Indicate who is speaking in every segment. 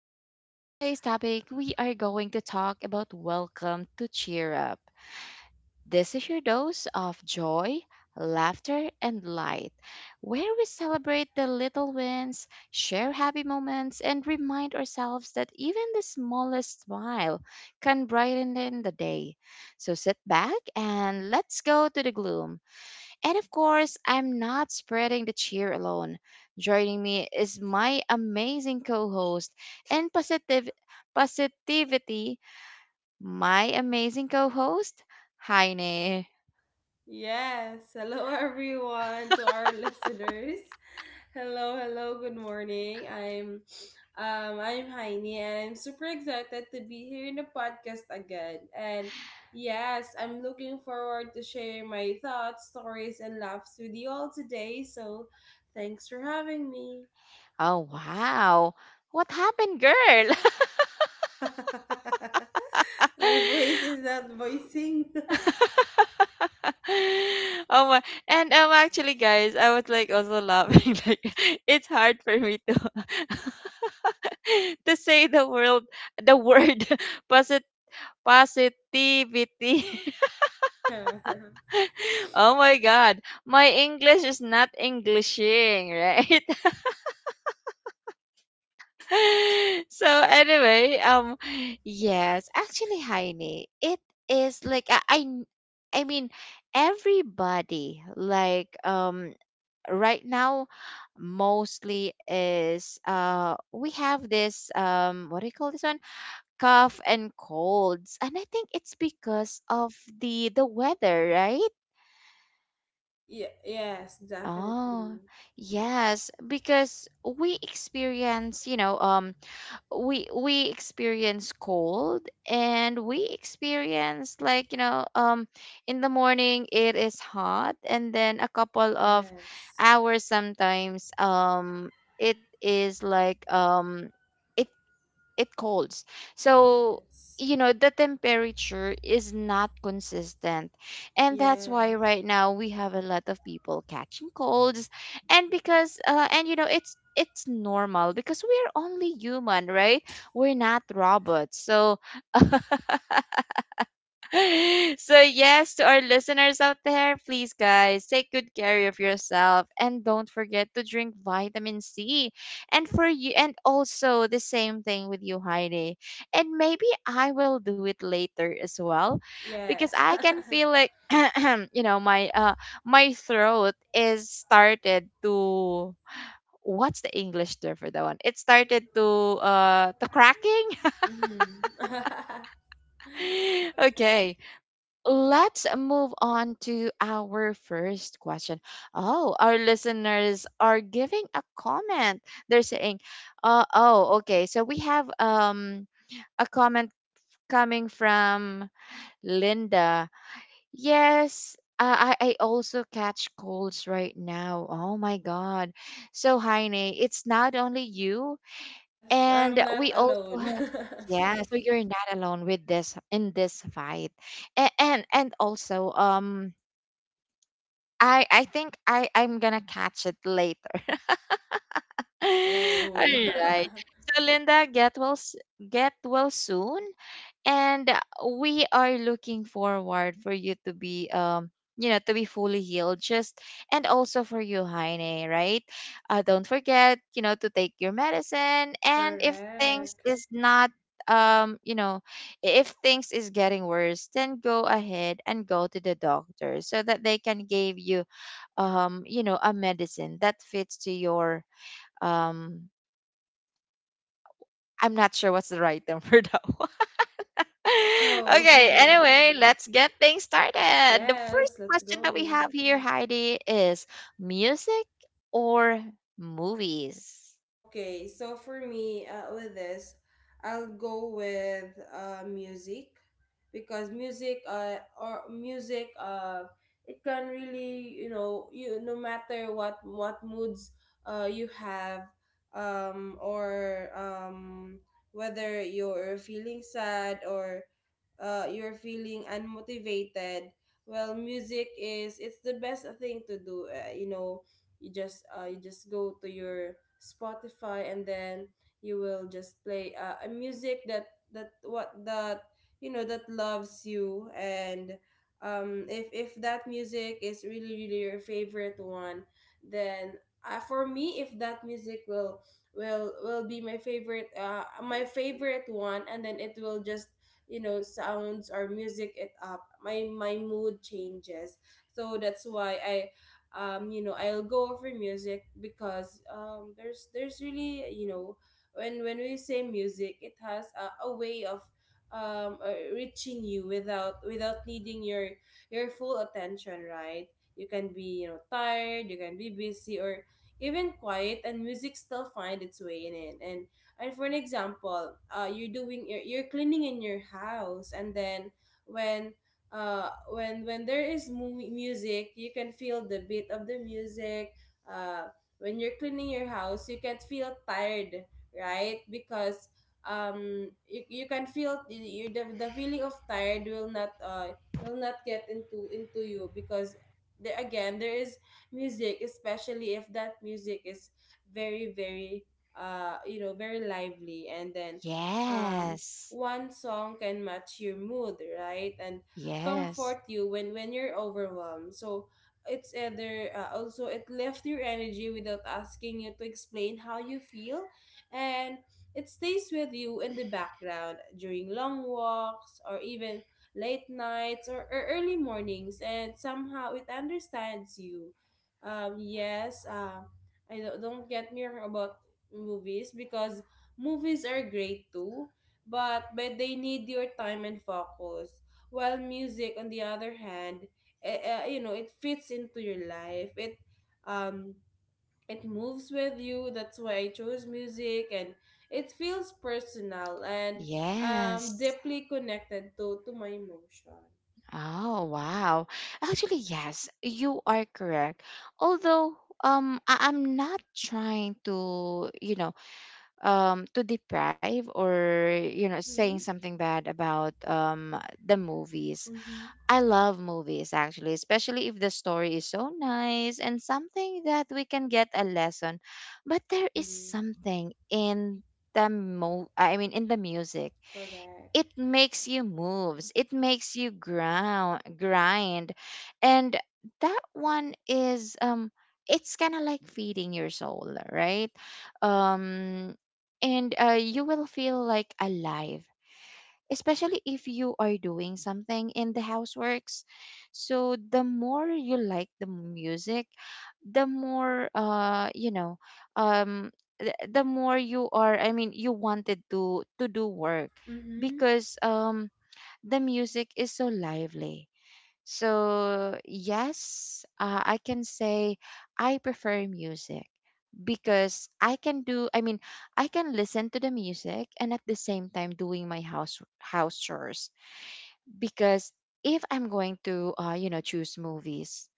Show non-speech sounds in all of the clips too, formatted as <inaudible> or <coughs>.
Speaker 1: And for today's topic, we are going to talk about Welcome to Cheer Up. This is your dose of joy, laughter, and light, where we celebrate the little wins, share happy moments, and remind ourselves that even the smallest smile can brighten in the day. So sit back and let's go to the gloom. And of course, I'm not spreading the cheer alone. Joining me is my amazing co-host and positivity, my amazing co-host, Heine.
Speaker 2: Yes. Hello, <laughs> everyone, to our listeners. Hello, hello. Good morning. I'm Heini, and I'm super excited to be here in the podcast again. And yes, I'm looking forward to sharing my thoughts, stories, and laughs with you all today. So, thanks for having me.
Speaker 1: Oh wow. What happened, girl? <laughs>
Speaker 2: <laughs> My voice is not voicing. <laughs>
Speaker 1: Oh my. And actually guys, I was like also laughing. <laughs> Like it's hard for me to <laughs> to say the word <laughs> posit. Positivity.
Speaker 2: Yeah.
Speaker 1: <laughs> Oh my God. My English is not Englishing, right? <laughs> So anyway, yes, actually Heine, it is like I mean everybody right now mostly is we have this um, what do you call this one? Cough and colds. And I think it's because of the weather, right?
Speaker 2: Yes,
Speaker 1: Oh,
Speaker 2: definitely.
Speaker 1: yes, because we experience, you know, we experience cold and we experience like, you know, in the morning it is hot, and then a couple of
Speaker 2: Yes.
Speaker 1: hours sometimes, it is like, it it colds. So,
Speaker 2: Yes.
Speaker 1: you know, the temperature is not consistent. And that's why
Speaker 2: Yes.
Speaker 1: right now we have a lot of people catching colds. And because and you know, it's normal because we're only human, right? We're not robots. So, <laughs> so yes, to our listeners out there, please guys, take good care of yourself and don't forget to drink vitamin C. And for you, and also the same thing with you, Heidi. And maybe I will do it later as well, because
Speaker 2: Yes. <laughs>
Speaker 1: I can feel like <clears throat> you know, my throat is started to, what's the English term for that one? It started to cracking.
Speaker 2: Hmm.
Speaker 1: <laughs>
Speaker 2: <laughs>
Speaker 1: Okay, let's move on to our first question. Oh, our listeners are giving a comment. They're saying, oh, okay. So we have a comment coming from Linda. Yes. I also catch colds right now. Oh my God. So, Heine, it's not only you,
Speaker 2: Yes, I'm
Speaker 1: and
Speaker 2: not
Speaker 1: we also
Speaker 2: alone.
Speaker 1: have, yeah, so you're not alone with this in this fight. And also, I think I'm gonna catch it later.
Speaker 2: <laughs>
Speaker 1: <laughs>
Speaker 2: Oh.
Speaker 1: All right. So Linda, get well soon, and we are looking forward for you to be you know, to be fully healed. Just, and also for you, Heine, right? Don't forget, you know, to take your medicine,
Speaker 2: <laughs>
Speaker 1: and if things
Speaker 2: Correct.
Speaker 1: is not um you know if things is getting worse, then go ahead and go to the doctor so that they can give you, you know, a medicine that fits to your um I'm not sure what's the right <laughs> term for that one. <laughs> Okay,
Speaker 2: Oh.
Speaker 1: anyway, let's get things
Speaker 2: <laughs>
Speaker 1: started. The first
Speaker 2: Yes, let's
Speaker 1: question that we
Speaker 2: go.
Speaker 1: have here, Heidi, is music or movies?
Speaker 2: Okay, so for me, with this, I'll go with music because music, or music, it can really, you know, you no matter what moods you have, or whether you're feeling sad or you're feeling unmotivated. Well, music is it's the best thing to do. You know, you just go to your spotify and then you will just play a music that you know that loves you. And if that music is really really your favorite one, then for me if that music will be my favorite one, and then it will just, you know, sounds or music it up, my mood changes. So that's why I, you know, I'll go over music because there's really, you know, when we say music, it has a way of reaching you without without needing your full attention, right? You can be, you know, tired, you can be busy, or even quiet, and music still find its way in it. And for an example, you're doing you're cleaning in your house, and then when when there is movie music, you can feel the beat of the music. uh when you're cleaning your house, you can feel tired, right? Because you can feel the feeling of tired will not get into you because there again there is music, especially if that music is very very, you know, very lively. And then um
Speaker 1: Yes.
Speaker 2: one song can match your mood, right, and
Speaker 1: Yes.
Speaker 2: comfort you when you're overwhelmed. So it's either, also it lifts your energy without asking you to explain how you feel, and it stays with you in the background during long walks, or even late nights, or early mornings, and somehow it understands you. Yes. I don't get me wrong about movies, because movies are great too, but they need your time and focus, while music, on the other hand, you know, it fits into your life. It um it moves with you. That's why I chose music, and it feels personal and,
Speaker 1: Yes.
Speaker 2: deeply connected to my emotion.
Speaker 1: Oh, wow. Actually, yes, you are correct. Although I- I'm not trying to, you know, to deprive or you know, saying
Speaker 2: Mm-hmm.
Speaker 1: something bad about the movies.
Speaker 2: Mm-hmm.
Speaker 1: I love movies actually, especially if the story is so nice and something that we can get a lesson. But there is
Speaker 2: Mm,
Speaker 1: something in the mo I mean in the music.
Speaker 2: correct.
Speaker 1: It makes you moves, it makes you ground grind. And that one is um, it's kind of like feeding your soul, right? um and you will feel like alive, especially if you are doing something in the houseworks. So the more you like the music, the more um the more you are, I mean, you wanted to do work,
Speaker 2: Mm-hmm.
Speaker 1: because um, the music is so lively. So, yes, I can say I prefer music because I can do, I mean, I can listen to the music and at the same time doing my house chores. Because if I'm going to, you know, choose movies,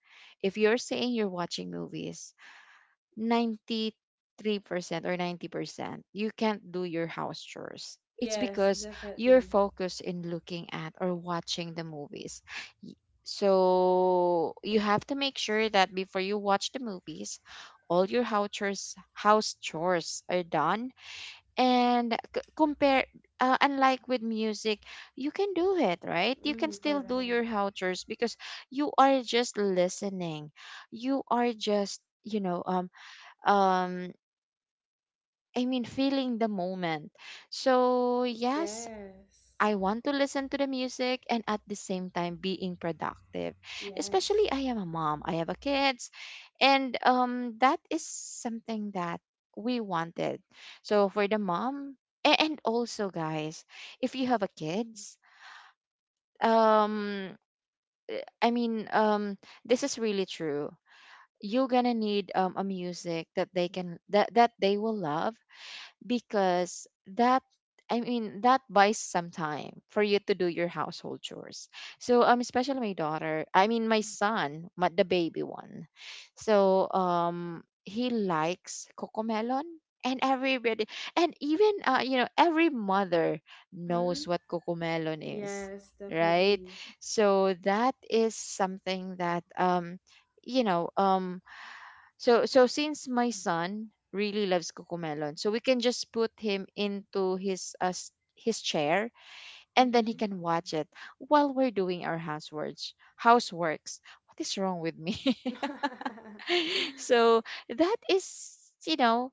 Speaker 1: if you're saying you're watching movies, 93% or 90%, you can't do your house chores. It's
Speaker 2: Yes,
Speaker 1: because you're
Speaker 2: definitely.
Speaker 1: focused in looking at or watching the movies. Y- So you have to make sure that before you watch the movies, all your house chores are done. And compare, unlike with music, you can do it, right? You can
Speaker 2: Mm,
Speaker 1: still do your
Speaker 2: correct.
Speaker 1: house chores because you are just listening. You are just, you know, um I mean, feeling the moment. So yes,
Speaker 2: Yes.
Speaker 1: I want to listen to the music and at the same time being productive, especially
Speaker 2: Yes.
Speaker 1: I am a mom, I have a kids. And um, that is something that we wanted. So for the mom, and also guys, if you have a kids, um i mean um this is really true. You're gonna need a music that that they will love, because that, I mean, that buys some time for you to do your household chores. So um, especially my daughter, I mean my son, my, the baby one. So um, he likes cocomelon, and everybody, and even you know, every mother
Speaker 2: Mm-hmm.
Speaker 1: knows what cocomelon is,
Speaker 2: Yes,
Speaker 1: right?
Speaker 2: definitely.
Speaker 1: So that is something that you know um so so since my son really loves Cocomelon, so we can just put him into his his chair, and then he
Speaker 2: Mm-hmm.
Speaker 1: can watch it while we're doing our houseworks. Houseworks. What is wrong with me? <laughs>
Speaker 2: <laughs>
Speaker 1: So that is, you know,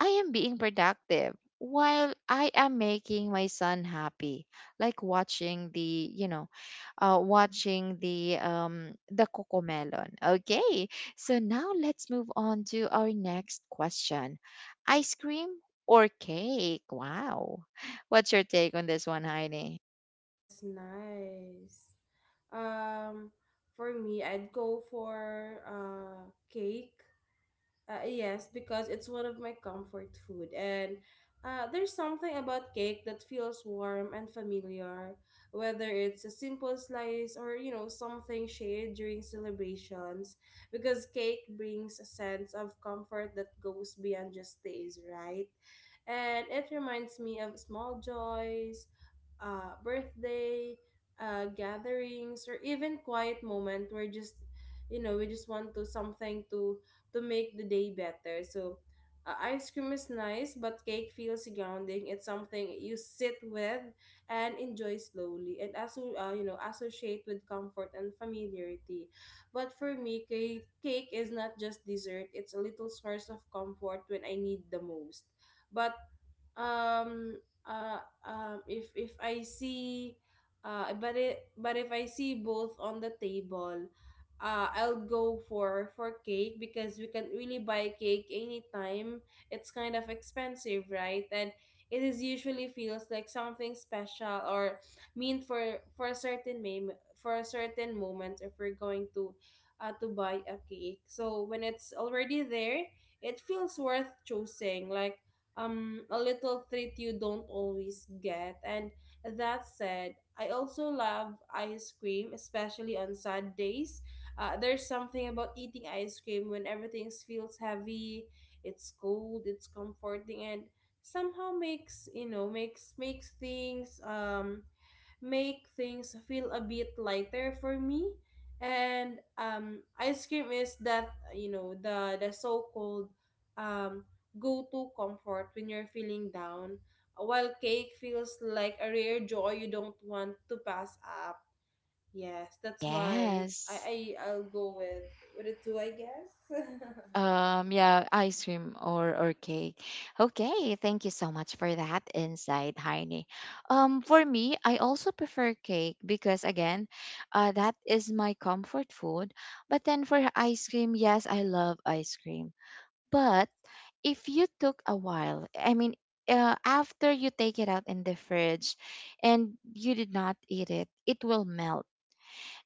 Speaker 1: I am being productive while I am making my son happy, like watching the, you know, watching the cocomelon. Okay, so now let's move on to our next question: ice cream or cake? Wow, what's your take on this one, Heine?
Speaker 2: That's nice. Um, for me, I'd go for cake. Yes, because it's one of my comfort food, and there's something about cake that feels warm and familiar, whether it's a simple slice or, you know, something shared during celebrations, because cake brings a sense of comfort that goes beyond just taste, right? And it reminds me of small joys, birthday, gatherings, or even quiet moment where just, you know, we just want to something to make the day better. So, ice cream is nice, but cake feels grounding. It's something you sit with and enjoy slowly, and also, you know, associate with comfort and familiarity. But for me, cake is not just dessert; it's a little source of comfort when I need the most. But um uh if I see but it but if I see both on the table, I'll go for cake because we can really buy cake anytime. It's kind of expensive, right, and it is usually feels like something special, or meant for a certain for a certain moment. If we're going to, to buy a cake, so when it's already there, it feels worth choosing, like, a little treat you don't always get. And that said, I also love ice cream, especially on sad days. There's something about eating ice cream when everything feels heavy. It's cold, it's comforting, and somehow makes things make things feel a bit lighter for me. And ice cream is that, you know, the so-called, um go-to comfort when you're feeling down, while cake feels like a rare joy you don't want to pass up. Yes, that's why I,
Speaker 1: Yes.
Speaker 2: I I'll go with it too, I guess. <laughs>
Speaker 1: Yeah, ice cream or cake. Okay, thank you so much for that insight, Heine. For me, I also prefer cake because again, that is my comfort food. But then for ice cream, yes, I love ice cream. But if you took a while, I mean, after you take it out in the fridge, and you did not eat it, it will melt,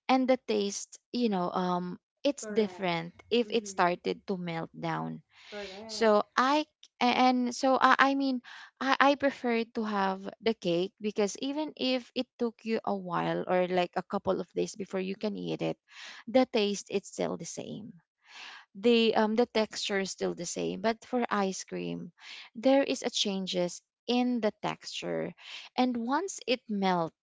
Speaker 1: and the taste, you know, it's
Speaker 2: Correct.
Speaker 1: different if it
Speaker 2: Mm-hmm.
Speaker 1: started to melt down.
Speaker 2: Correct.
Speaker 1: So I mean, I prefer to have the cake because even if it took you a while or like a couple of days before you can eat it, the taste is still the same. The texture is still the same. But for ice cream, there is a changes in the texture. And once it melts,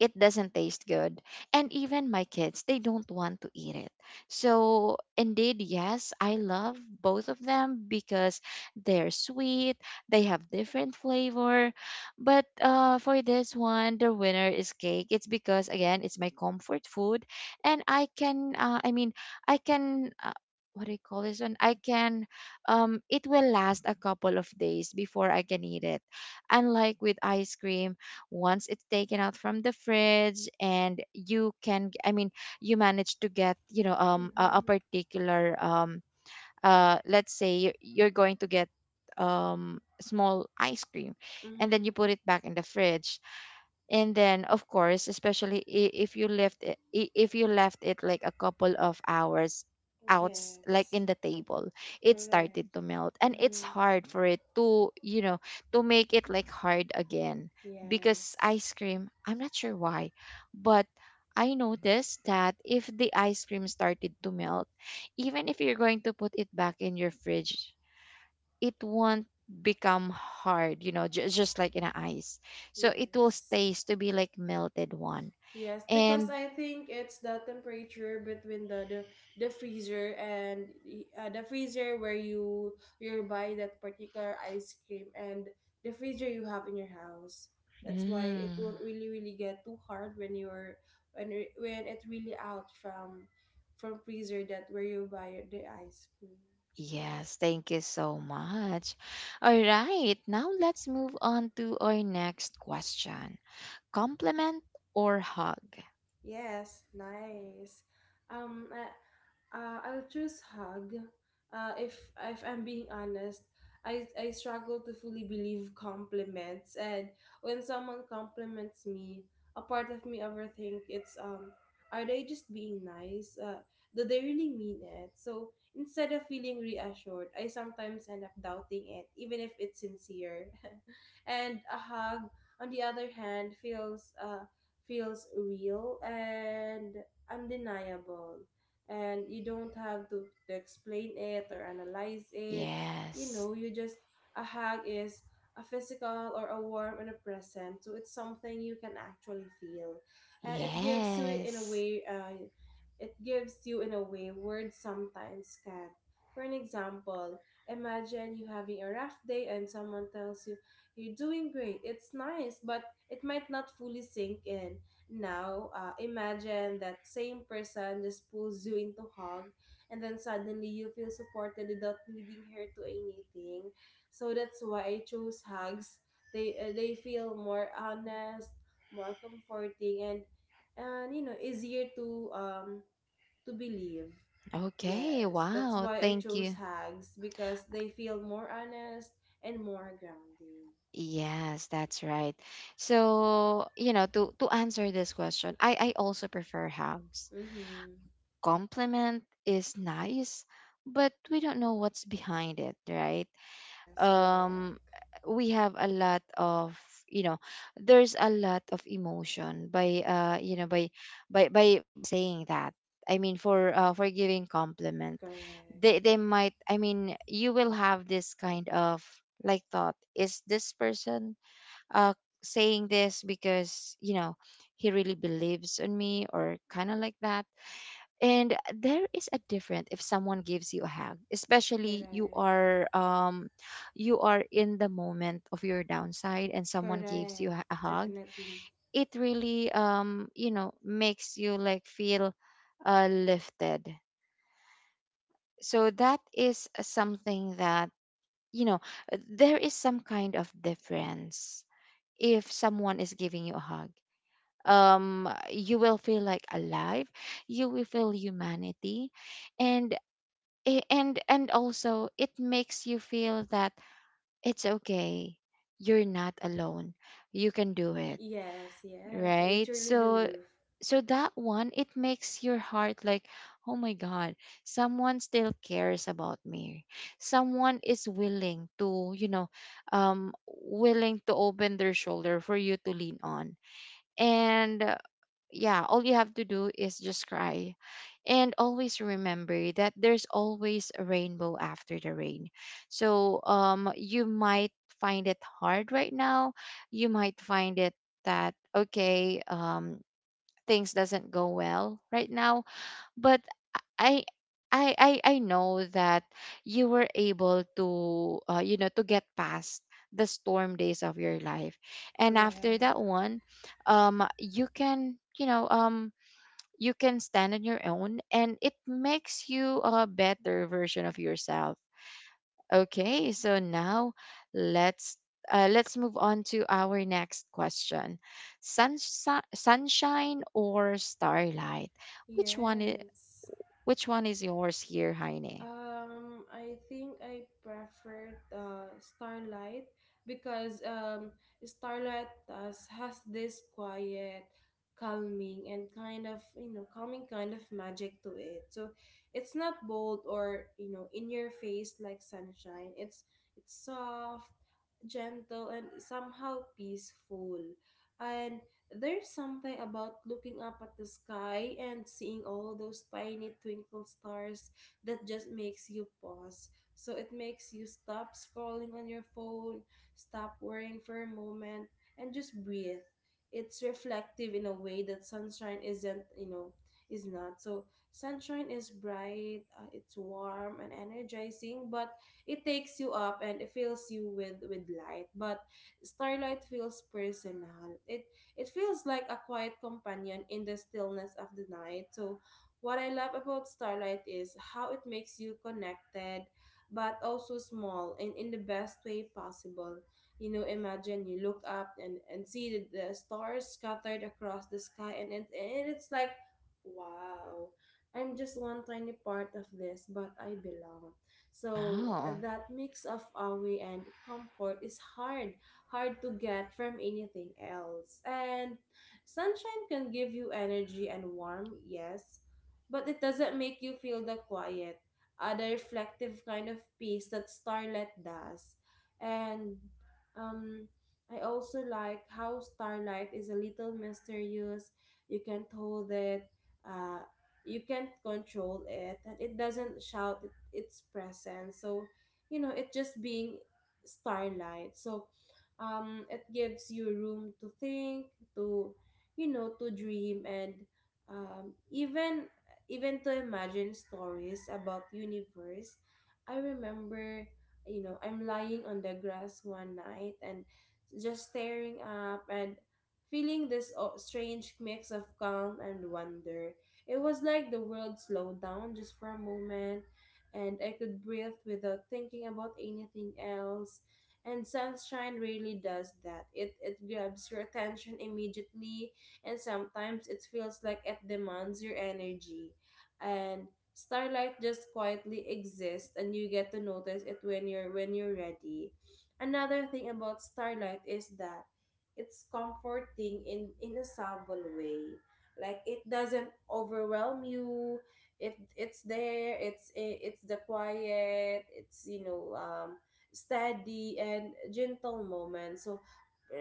Speaker 1: it doesn't taste good. And even my kids, they don't want to eat it. So, indeed, yes, I love both of them because they're sweet, they have different flavor. But for this one, the winner is cake. It's because, again, it's my comfort food. And I can, I mean, I can. What do you call this one? I can, it will last a couple of days before I can eat it. Unlike with ice cream, once it's taken out from the fridge, and you can I mean you manage to get, you know, um, a
Speaker 2: Mm-hmm.
Speaker 1: particular um, let's say you're going to get small ice cream, and then
Speaker 2: Mm-hmm.
Speaker 1: you put it back in the fridge, and then of course, especially I- if you left it I- if you left it like a couple of hours out, like
Speaker 2: Yes.
Speaker 1: in the table, it
Speaker 2: Correct.
Speaker 1: started to melt, and it's
Speaker 2: Mm-hmm.
Speaker 1: hard for it to, you know, to make it like hard again. Because
Speaker 2: Yes.
Speaker 1: ice cream, I'm not sure why, but I noticed that if the ice cream started to melt, even if you're going to put it back in your fridge, it won't become hard, you know, just like in a ice. So it will
Speaker 2: Yes.
Speaker 1: taste to be like melted one.
Speaker 2: Yes, because
Speaker 1: And
Speaker 2: I think it's the temperature between the freezer and the freezer where you buy that particular ice cream, and the freezer you have in your house. That's why it
Speaker 1: mm,
Speaker 2: won't really really get too hard when you're when it really out from freezer that where you buy the ice cream.
Speaker 1: yes, thank you so much. All right, now let's move on to our next question. Compliment or hug?
Speaker 2: Yes, nice. I, I'll choose hug. Uh, if if I'm being honest, I struggle to fully believe compliments, and when someone compliments me, a part of me overthink it's, are they just being nice? Do they really mean it? So instead of feeling reassured, I sometimes end up doubting it, even if it's sincere. <laughs> And a hug, on the other hand, feels feels real and undeniable. And you don't have to explain it or analyze it. You
Speaker 1: Yes.
Speaker 2: know, you just, a hug is a physical or a warm and a present. So it's something you can actually feel. And it gives you, in a
Speaker 1: Yes.
Speaker 2: way, it gives you, in a way, words sometimes can't. For an example, imagine you having a rough day, and someone tells you, "You're doing great," it's nice, but it might not fully sink in. Now, imagine that same person just pulls you into hug, and then suddenly you feel supported without needing her to anything. So that's why I chose hugs. They, they feel more honest, more comforting, and, you know, easier to, to believe.
Speaker 1: Okay,
Speaker 2: Yes, that's
Speaker 1: wow.
Speaker 2: why I
Speaker 1: Thank
Speaker 2: chose
Speaker 1: you.
Speaker 2: hugs, because they feel more honest and more grounding.
Speaker 1: Yes, that's right. So, you know, to answer this question, I also prefer hugs.
Speaker 2: Mm-hmm.
Speaker 1: Compliment is nice, but we don't know what's behind it, right?
Speaker 2: Yes,
Speaker 1: Um
Speaker 2: correct.
Speaker 1: we have a lot of, you know, there's a lot of emotion by you know, by saying that. I mean for giving compliment. They
Speaker 2: Correct,
Speaker 1: they might, I mean, you will have this kind of like thought, is this person uh, saying this because you know he really believes on me or kind of like that. And there is a difference if someone gives you a hug, especially
Speaker 2: correct,
Speaker 1: you are in the moment of your downside and someone gives you
Speaker 2: Correct.
Speaker 1: a hug.
Speaker 2: Definitely.
Speaker 1: It really you know makes you like feel lifted. So that is something that you know there is some kind of difference if someone is giving you a hug. Um you will feel like alive, you will feel humanity. And and also it makes you feel that it's okay, you're not alone, you can do it,
Speaker 2: Yes, I
Speaker 1: right?
Speaker 2: truly
Speaker 1: So
Speaker 2: believe.
Speaker 1: so that one it makes your heart like, oh my god, someone still cares about me, someone is willing to you know willing to open their shoulder for you to lean on. And yeah, all you have to do is just cry. And always remember that there's always a rainbow after the rain. So you might find it hard right now. You might find it that okay, things doesn't go well right now, but I I know that you were able to you know to get past the storm days of your life. And after
Speaker 2: Correct.
Speaker 1: that one, you can, you know, you can stand on your own and it makes you a better version of yourself. Okay, so now let's let's move on to our next question. Sunshine, sunshine or starlight? Which one is
Speaker 2: Yes.
Speaker 1: which one is yours here, Heine?
Speaker 2: I think I preferred Starlight because, Starlight has this quiet, calming, and kind of, you know, calming kind of magic to it. So it's not bold or, you know, in your face like sunshine. It's soft, gentle, and somehow peaceful. And there's something about looking up at the sky and seeing all those tiny twinkle stars that just makes you pause. So it makes you stop scrolling on your phone, stop worrying for a moment, and just breathe. It's reflective in a way that sunshine isn't, you know, is not. So sunshine is bright, it's warm and energizing, but it takes you up and it fills you with light. But starlight feels personal. It feels like a quiet companion in the stillness of the night. So what I love about starlight is how it makes you connected, but also small, and in the best way possible. You know, imagine you look up and see the stars scattered across the sky, and it's like, wow. I'm just one tiny part of this, but I belong. So
Speaker 1: Oh,
Speaker 2: that mix of awe and comfort is hard to get from anything else. And sunshine can give you energy and warmth, yes, but it doesn't make you feel the quiet, the reflective kind of peace that starlight does. And, um, I also like how starlight is a little mysterious. You can't hold it. Uh, you can't control it, and it doesn't shout it, its presence. So, you know, it just being starlight. So it gives you room to think, to, you know, to dream, and, even even to imagine stories about universe. I remember, you know, I'm lying on the grass one night, and just staring up, and feeling this, strange mix of calm and wonder. It was like the world slowed down just for a moment, and I could breathe without thinking about anything else. And sunshine really does that. It grabs your attention immediately, and sometimes it feels like it demands your energy. And starlight just quietly exists, and you get to notice it when you're ready. Another thing about starlight is that it's comforting in a subtle way. Like it doesn't overwhelm you. It's there. It's the quiet. It's steady and gentle moment. So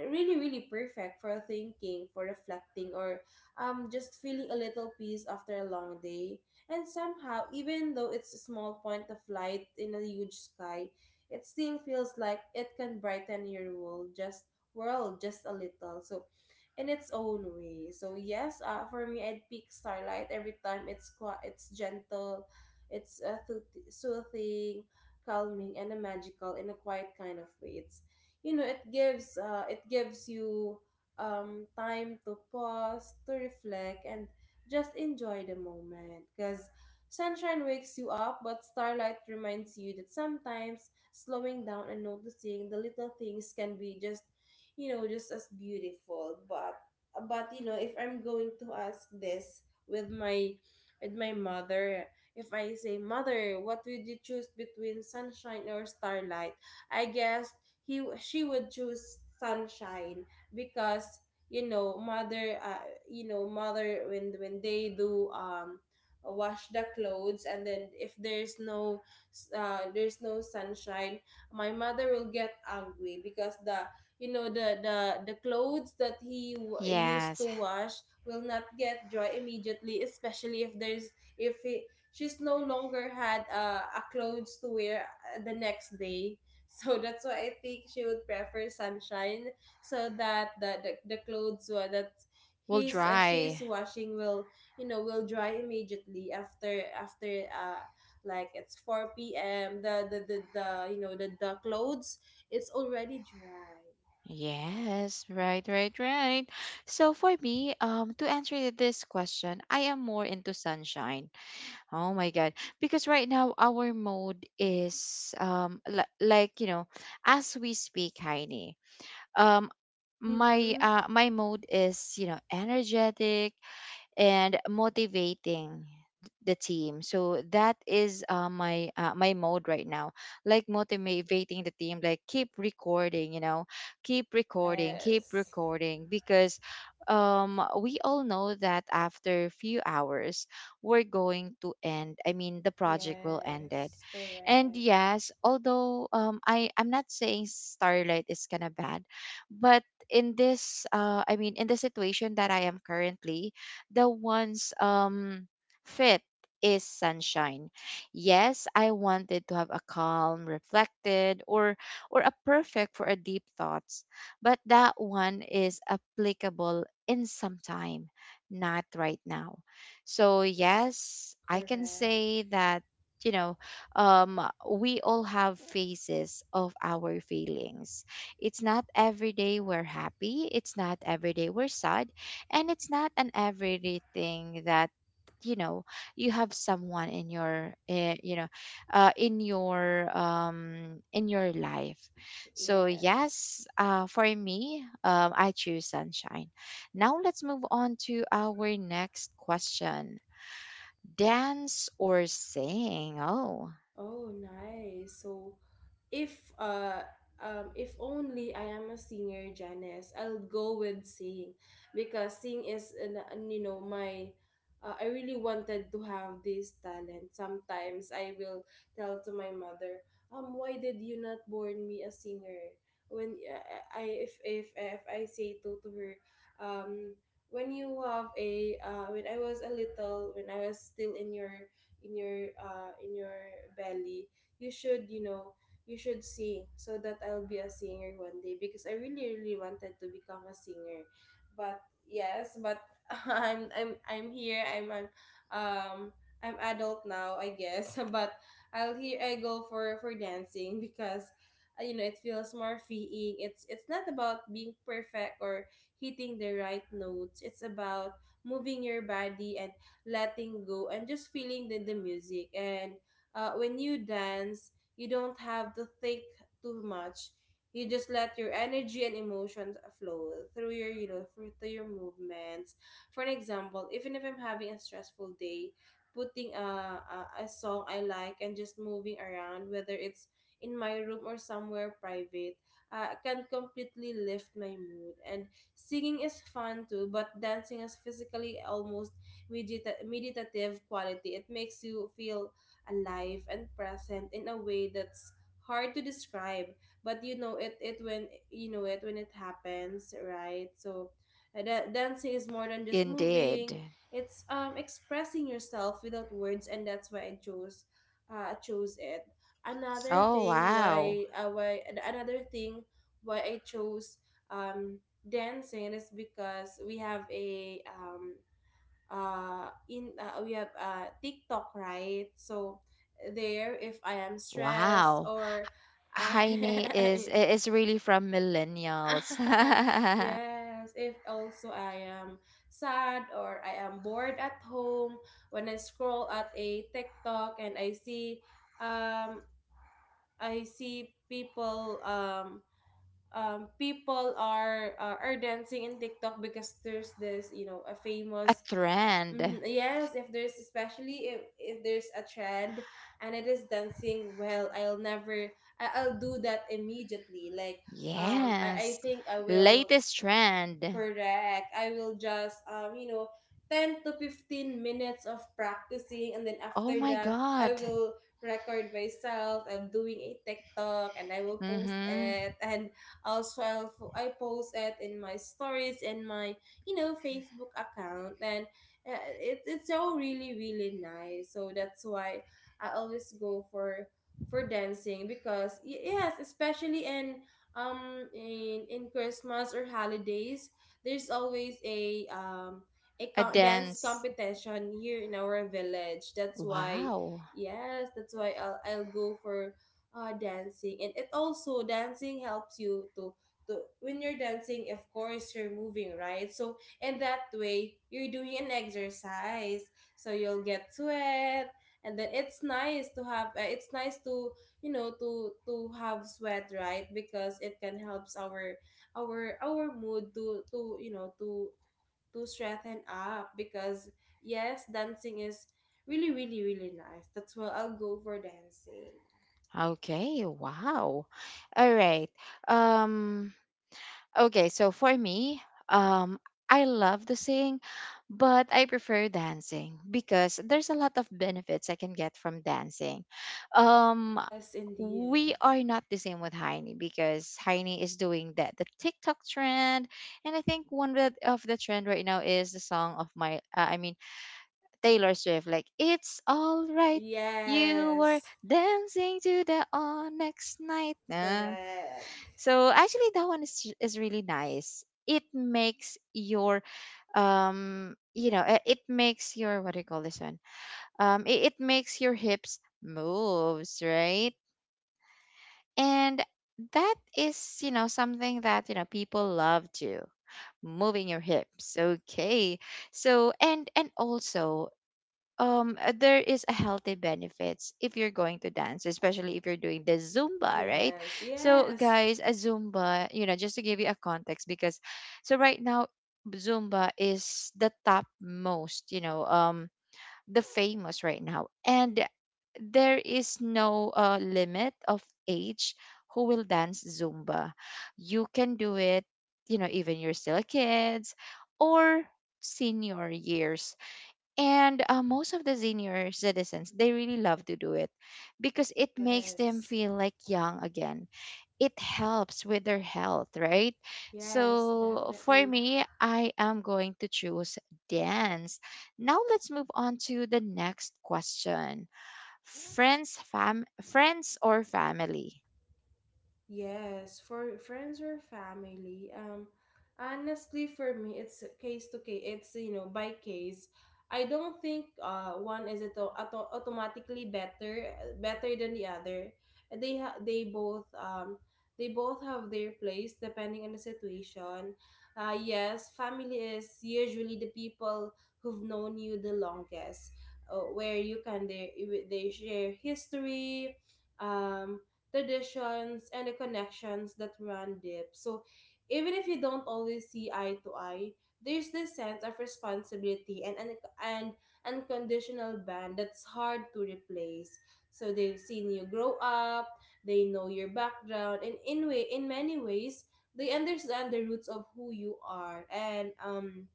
Speaker 2: really really perfect for thinking, for reflecting, or just feeling a little peace after a long day. And somehow, even though it's a small point of light in a huge sky, it still feels like it can brighten your world just a little. So in its own way. So yes, for me, I'd pick Starlight every time. It's quite, it's gentle, it's soothing, calming, and a magical in a quiet kind of way. It gives you time to pause, to reflect, and just enjoy the moment. Cause sunshine wakes you up, but starlight reminds you that sometimes slowing down and noticing the little things can be just you know just as beautiful. But if I'm going to ask this with my with my mother, if I say mother, what would you choose between sunshine or starlight? I guess he she would choose sunshine. Because you know mother uh, you know mother when they do wash the clothes, and then if there's no there's no sunshine, my mother will get angry because the you know the clothes that used
Speaker 1: yes.
Speaker 2: to wash will not get dry immediately, especially if she's no longer had a clothes to wear the next day. <laughs> So that's why I think she would prefer sunshine, so that the that
Speaker 1: We'll
Speaker 2: he's she's
Speaker 1: dry.
Speaker 2: washing will will dry immediately after like it's 4 p.m. The you know the clothes, it's already dry.
Speaker 1: Yes, right, right, right. So for me, to answer this question, I am more into sunshine. Oh my God. Because right now our mode is li- like you know, as we speak, Heine. Um my
Speaker 2: Mm-hmm.
Speaker 1: my mode is, you know, energetic, and motivating the team. So that is my my mode right now. Like motivating the team, like keep recording, you know, keep
Speaker 2: Yes.
Speaker 1: recording because we all know that after a few hours we're going to end, I mean the project will end it.
Speaker 2: Yes.
Speaker 1: And
Speaker 2: Correct.
Speaker 1: yes, although I'm not saying starlight is kind of bad, but in this uh, I mean in the situation that I am currently, the one's fit is sunshine. Yes, I wanted to have a calm, reflected, or a perfect for a deep thoughts, but that one is applicable in some time, not right now. So yes, I can
Speaker 2: Correct.
Speaker 1: say that you know um we all have phases of our feelings. It's not every day we're happy, it's not every day we're sad, and it's not an everyday thing that you know you have someone in your you know in your life. So
Speaker 2: Yes.
Speaker 1: yes, for me I choose sunshine. Now let's move on to our next question, dance or sing. Oh,
Speaker 2: Oh, nice. So if uh if only I am a singer, Janice, I'll go with sing because sing is an- you know my I really wanted to have this talent. Sometimes I will tell to my mother, why did you not born me a singer? When I If I say to her, um, when I was a little when I was still in your in your in your belly, you should you know you should sing so that I'll be a singer one day because I really really wanted to become a singer. But yes, but <laughs> I'm here. Um I'm adult now, I guess. <laughs> But I'll here I go for dancing because it feels more freeing. It's not about being perfect or hitting the right notes. It's about moving your body and letting go and just feeling the music. And when you dance, you don't have to think too much. You just let your energy and emotions flow through through your movements. For an example, even if I'm having a stressful day, putting a song I like and just moving around, whether it's in my room or somewhere private, can completely lift my mood. And singing is fun too, but dancing has physically almost meditative quality. It makes you feel alive and present in a way that's hard to describe, but you know it when you know it when it happens, right? So dancing is more than just
Speaker 1: indeed.
Speaker 2: moving. It's expressing yourself without words, and that's why I chose it. another
Speaker 1: Oh
Speaker 2: thing what
Speaker 1: wow,
Speaker 2: i uh, why Another thing, why I chose um dancing, is because we have TikTok, right? So there if I am stressed
Speaker 1: wow.
Speaker 2: or I
Speaker 1: Heine is really from millennials.
Speaker 2: <laughs>
Speaker 1: <laughs>
Speaker 2: yes, if also I am sad or I am bored at home, when I scroll at a TikTok and um I see people are dancing in TikTok because there's this, you know, a
Speaker 1: A
Speaker 2: famous.
Speaker 1: trend.
Speaker 2: Hmm. Yes, if there's, especially if there's a trend and it is dancing, well, I'll never I'll do that immediately. Like I
Speaker 1: Yes.
Speaker 2: think I will.
Speaker 1: Latest trend.
Speaker 2: Correct. I will just 10 to 15 minutes of practicing and then
Speaker 1: Oh
Speaker 2: after
Speaker 1: my
Speaker 2: that I
Speaker 1: God.
Speaker 2: will record myself. I'm doing a TikTok and I will post
Speaker 1: Mm-hmm.
Speaker 2: it, and also I post it in my stories and my Facebook account, and it's so really really nice. So that's why I always go for dancing because yes, especially in Christmas or holidays there's always
Speaker 1: A
Speaker 2: dance
Speaker 1: dance.
Speaker 2: competition here in our village. That's why,
Speaker 1: Wow.
Speaker 2: yes, that's why I'll go for dancing, and it also dancing helps you to when you're dancing. Of course, you're moving, right? So in that way, you're doing an exercise, so you'll get sweat. And then it's nice to to have sweat, right? Because it can helps our our mood to you know to strengthen up because yes dancing is really really really nice. That's why I'll go for dancing.
Speaker 1: Okay. Wow. All right. Um, okay, so for me, um, I love to sing, but I prefer dancing because there's a lot of benefits I can get from dancing. Um,
Speaker 2: Yes, indeed.
Speaker 1: we are not the same with Heini because Heini is doing that the TikTok trend, and I think one of the trend right now is the song of my, I mean Taylor Swift, like "It's All Right." You were
Speaker 2: Yes.
Speaker 1: dancing to the next night. Nah.
Speaker 2: Correct.
Speaker 1: So actually, that one is really nice. It makes your you know it makes your what do you call this one, it, it makes your hips moves, right? And that is you know something that you know people love to, moving your hips, okay. So and also there is a healthy benefits if you're going to dance, especially if you're doing the zumba, right?
Speaker 2: Yes.
Speaker 1: So
Speaker 2: Yes.
Speaker 1: guys, a zumba, you know, just to give you a context, because so right now zumba is the top most you know the famous right now. And there is no limit of age who will dance zumba. You can do it, you know, even you're still kids, or senior years. And most of the senior citizens they really love to do it because it makes them
Speaker 2: Yes.
Speaker 1: feel like young again, it helps with their health, right?
Speaker 2: Yes,
Speaker 1: So for
Speaker 2: definitely.
Speaker 1: me I am going to choose dance. Now let's move on to the next question, friends or family.
Speaker 2: Yes, for friends or family. Honestly, for me, it's case to case. It's by case. I don't think one is automatically better than the other. They ha- they both um they both have their place depending on the situation. Yes, family is usually the people who've known you the longest, where you can they share history. Um, Traditions, and the connections that run deep. So even if you don't always see eye to eye, there's this sense of responsibility and unconditional bond that's hard to replace. So they've seen you grow up, they know your background, and in many ways, they understand the roots of who you are. And um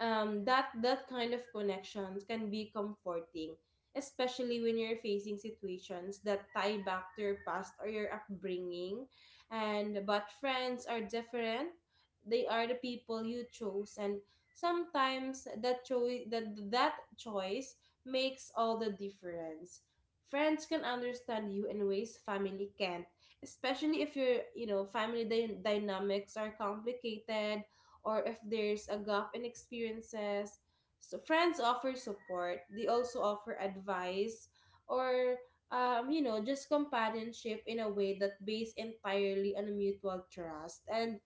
Speaker 2: um, that kind of connections can be comforting, especially when you're facing situations that tie back to your past or your upbringing. And But friends are different. They are the people you chose, and sometimes that choice makes all the difference. Friends can understand you in ways family can't, especially if your family dynamics are complicated or if there's a gap in experiences. So friends offer support. They also offer advice or you know, just companionship in a way that based entirely on mutual trust. And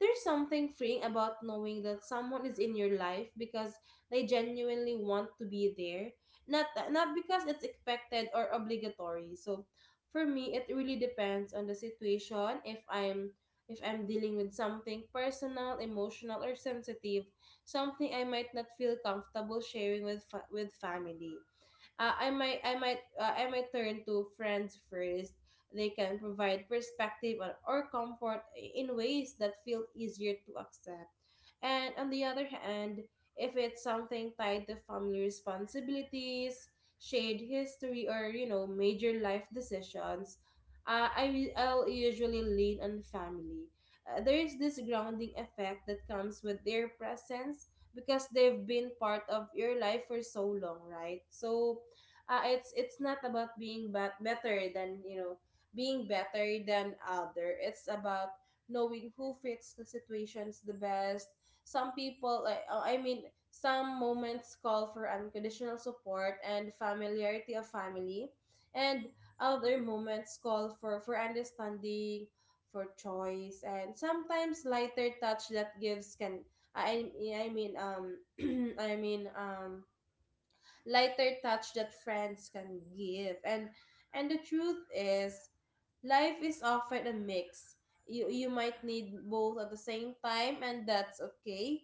Speaker 2: there's something freeing about knowing that someone is in your life because they genuinely want to be there, not because it's expected or obligatory. So, for me, it really depends on the situation. If I'm dealing with something personal, emotional, or sensitive, something I might not feel comfortable sharing with with family, I might turn to friends first. They can provide perspective or comfort in ways that feel easier to accept. And on the other hand, if it's something tied to family responsibilities, shared history, or major life decisions, I'll usually lean on family. There is this grounding effect that comes with their presence because they've been part of your life for so long, right? So it's not about better than you know being better than other. It's about knowing who fits the situations the best. Some people like I mean Some moments call for unconditional support and familiarity of family, and other moments call for understanding, for choice, and sometimes lighter touch that gives can I I mean <clears throat> i mean um lighter touch that friends can give. And the truth is, life is often a mix. You might need both at the same time, and that's okay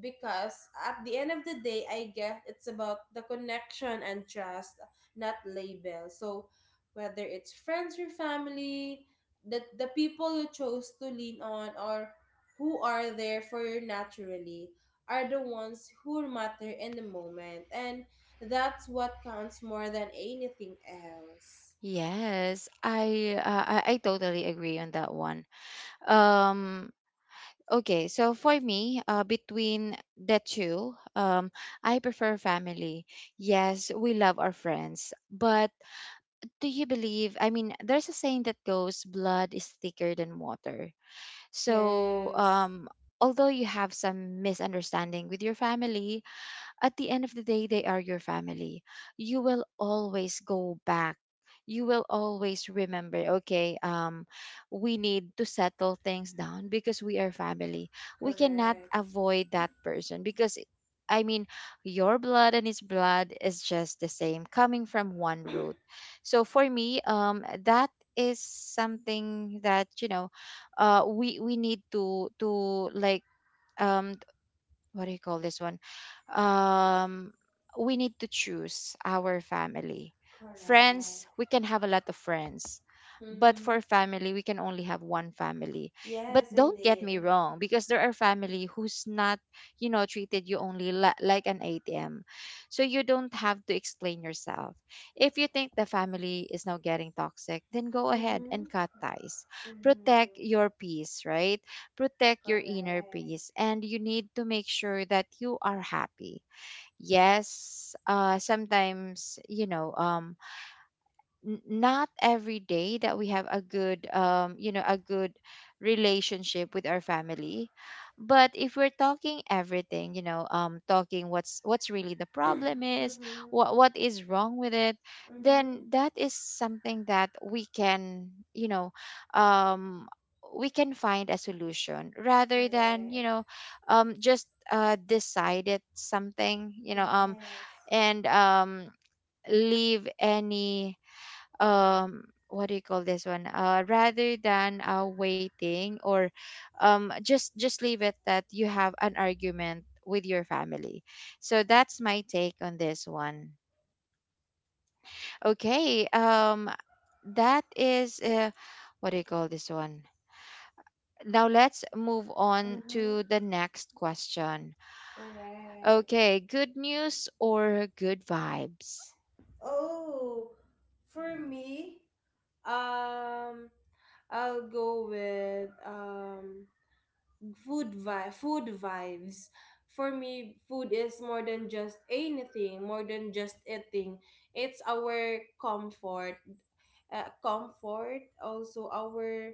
Speaker 2: because at the end of the day, I get it's about the connection and trust, not label. So whether it's friends or family, the people you chose to lean on or who are there for you naturally are the ones who matter in the moment, and that's what counts more than anything else.
Speaker 1: Yes, I, uh, I totally agree on that one. Um, Okay, so for me, between the two, I prefer family. Yes, we love our friends, but do you believe? I mean, there's a saying that goes, "Blood is thicker than water." So,
Speaker 2: Yes.
Speaker 1: although you have some misunderstanding with your family, at the end of the day, they are your family. You will always go back. You will always remember, okay, we need to settle things down because we are family. We cannot
Speaker 2: Correct.
Speaker 1: avoid that person because, I mean, your blood and his blood is just the same, coming from one root. So for me, that is something that you know, uh, we need to like um, what do you call this one? Um, we need to choose our family. Friends,
Speaker 2: Correct.
Speaker 1: we can have a lot of friends. But
Speaker 2: Mm-hmm.
Speaker 1: for family, we can only have one family. But
Speaker 2: Yes,
Speaker 1: don't get me
Speaker 2: indeed.
Speaker 1: wrong, because there are family who's not, you know, treated you only li- like an ATM. So you don't have to explain yourself. If you think the family is now getting toxic, then go ahead and
Speaker 2: Mm-hmm.
Speaker 1: cut ties. Protect
Speaker 2: Mm-hmm.
Speaker 1: your peace, right? Protect your inner
Speaker 2: Correct.
Speaker 1: peace and you need to make sure that you are happy. Yes, sometimes you know n- not every day that we have a good you know a good relationship with our family. But if we're talking everything, you know, talking what's really
Speaker 2: <clears throat>
Speaker 1: the
Speaker 2: <coughs>
Speaker 1: problem is
Speaker 2: Mhm.
Speaker 1: what is wrong with it, then
Speaker 2: Mhm.
Speaker 1: that is something that we can you know um we can find a solution, rather than you
Speaker 2: Correct.
Speaker 1: know just decided something, you know,
Speaker 2: Yes.
Speaker 1: and leave any um what do you call this one, rather than waiting or just leave it that you have an argument with your family. So that's my take on this one. Okay um, that is what do you call this one. Now let's move on
Speaker 2: Mhm.
Speaker 1: to the next question.
Speaker 2: Correct.
Speaker 1: Okay, good news or good vibes.
Speaker 2: Oh, for me, um, I'll go with food vibes. For me, food is more than just anything, more than just eating. It's our comfort. Comfort, also our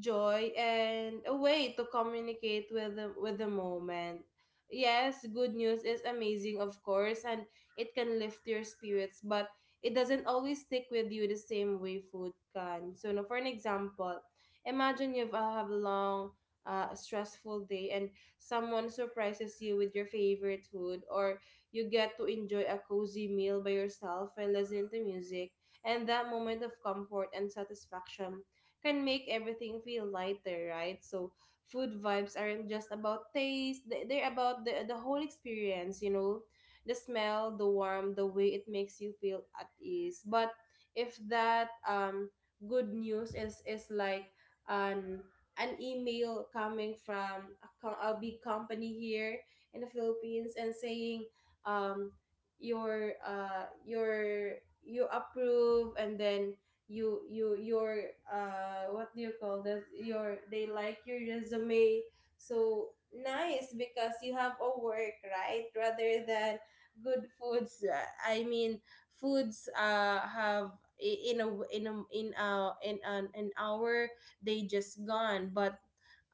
Speaker 2: joy, and a way to communicate with with the moment. Yes, good news is amazing, of course, and it can lift your spirits, but it doesn't always stick with you the same way food can. So, no, for an example, imagine you've have a long, stressful day, and someone surprises you with your favorite food, or you get to enjoy a cozy meal by yourself and listen to music. And that moment of comfort and satisfaction can make everything feel lighter, right? So food vibes aren't just about taste, they're about the whole experience, you know, the smell, the warmth, the way it makes you feel at ease. But if that good news is like an an email coming from a big company here in the Philippines and saying um your you approve and then you your what do you call this your they like your resume so nice because you have a work, right, rather than good foods. Foods have i- in a in an hour, they just gone. But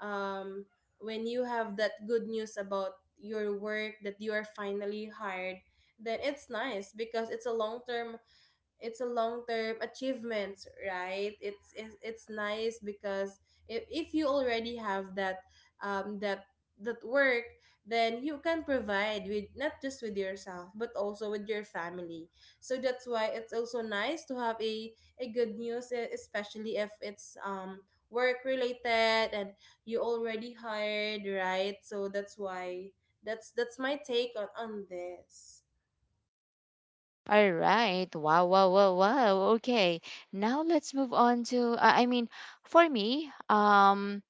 Speaker 2: um, when you have that good news about your work, that you are finally hired, then it's nice because it's a long term it's a long-term achievement, right? It's nice because if you already have that um that that work, then you can provide with not just with yourself but also with your family. So that's why it's also nice to have a good news, especially if it's work related, and you already hired, right? So that's why that's my take on this.
Speaker 1: All right. Wow, wow, wow, wow. Okay. Now let's move on to, I mean, for me,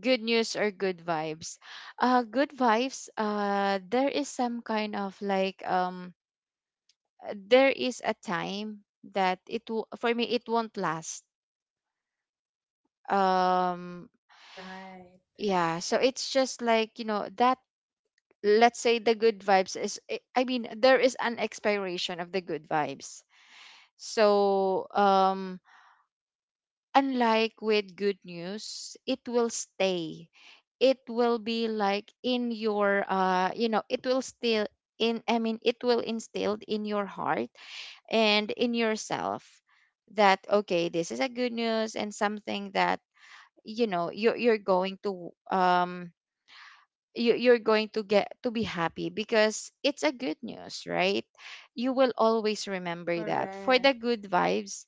Speaker 1: good news or good vibes. Good vibes, there is some kind of like, there is a time that it, w- for me, it won't last. Um,
Speaker 2: Right.
Speaker 1: yeah. So it's just like, you know, that, let's say the good vibes is, I mean, there is an expiration of the good vibes. So, unlike with good news, it will stay. It will be like in your you know it will still in, I mean it will instilled in your heart and in yourself, that okay, this is a good news and something that you know you're going to you, you're going to get to be happy because it's a good news, right? You will always remember that. For the
Speaker 2: Correct.
Speaker 1: good vibes,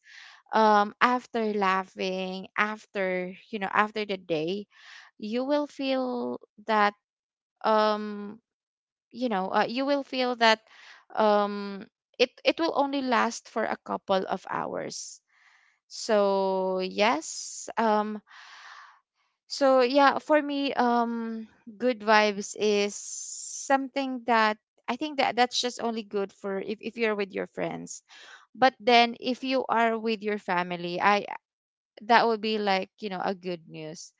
Speaker 1: after laughing, after you know after the day you will feel that um you know you will feel that um it it will only last for a couple of hours. So yes um, so yeah for me good vibes is something that I think that that's just only good for if you're with your friends. But then if you are with your family, I that would be like you know a good news.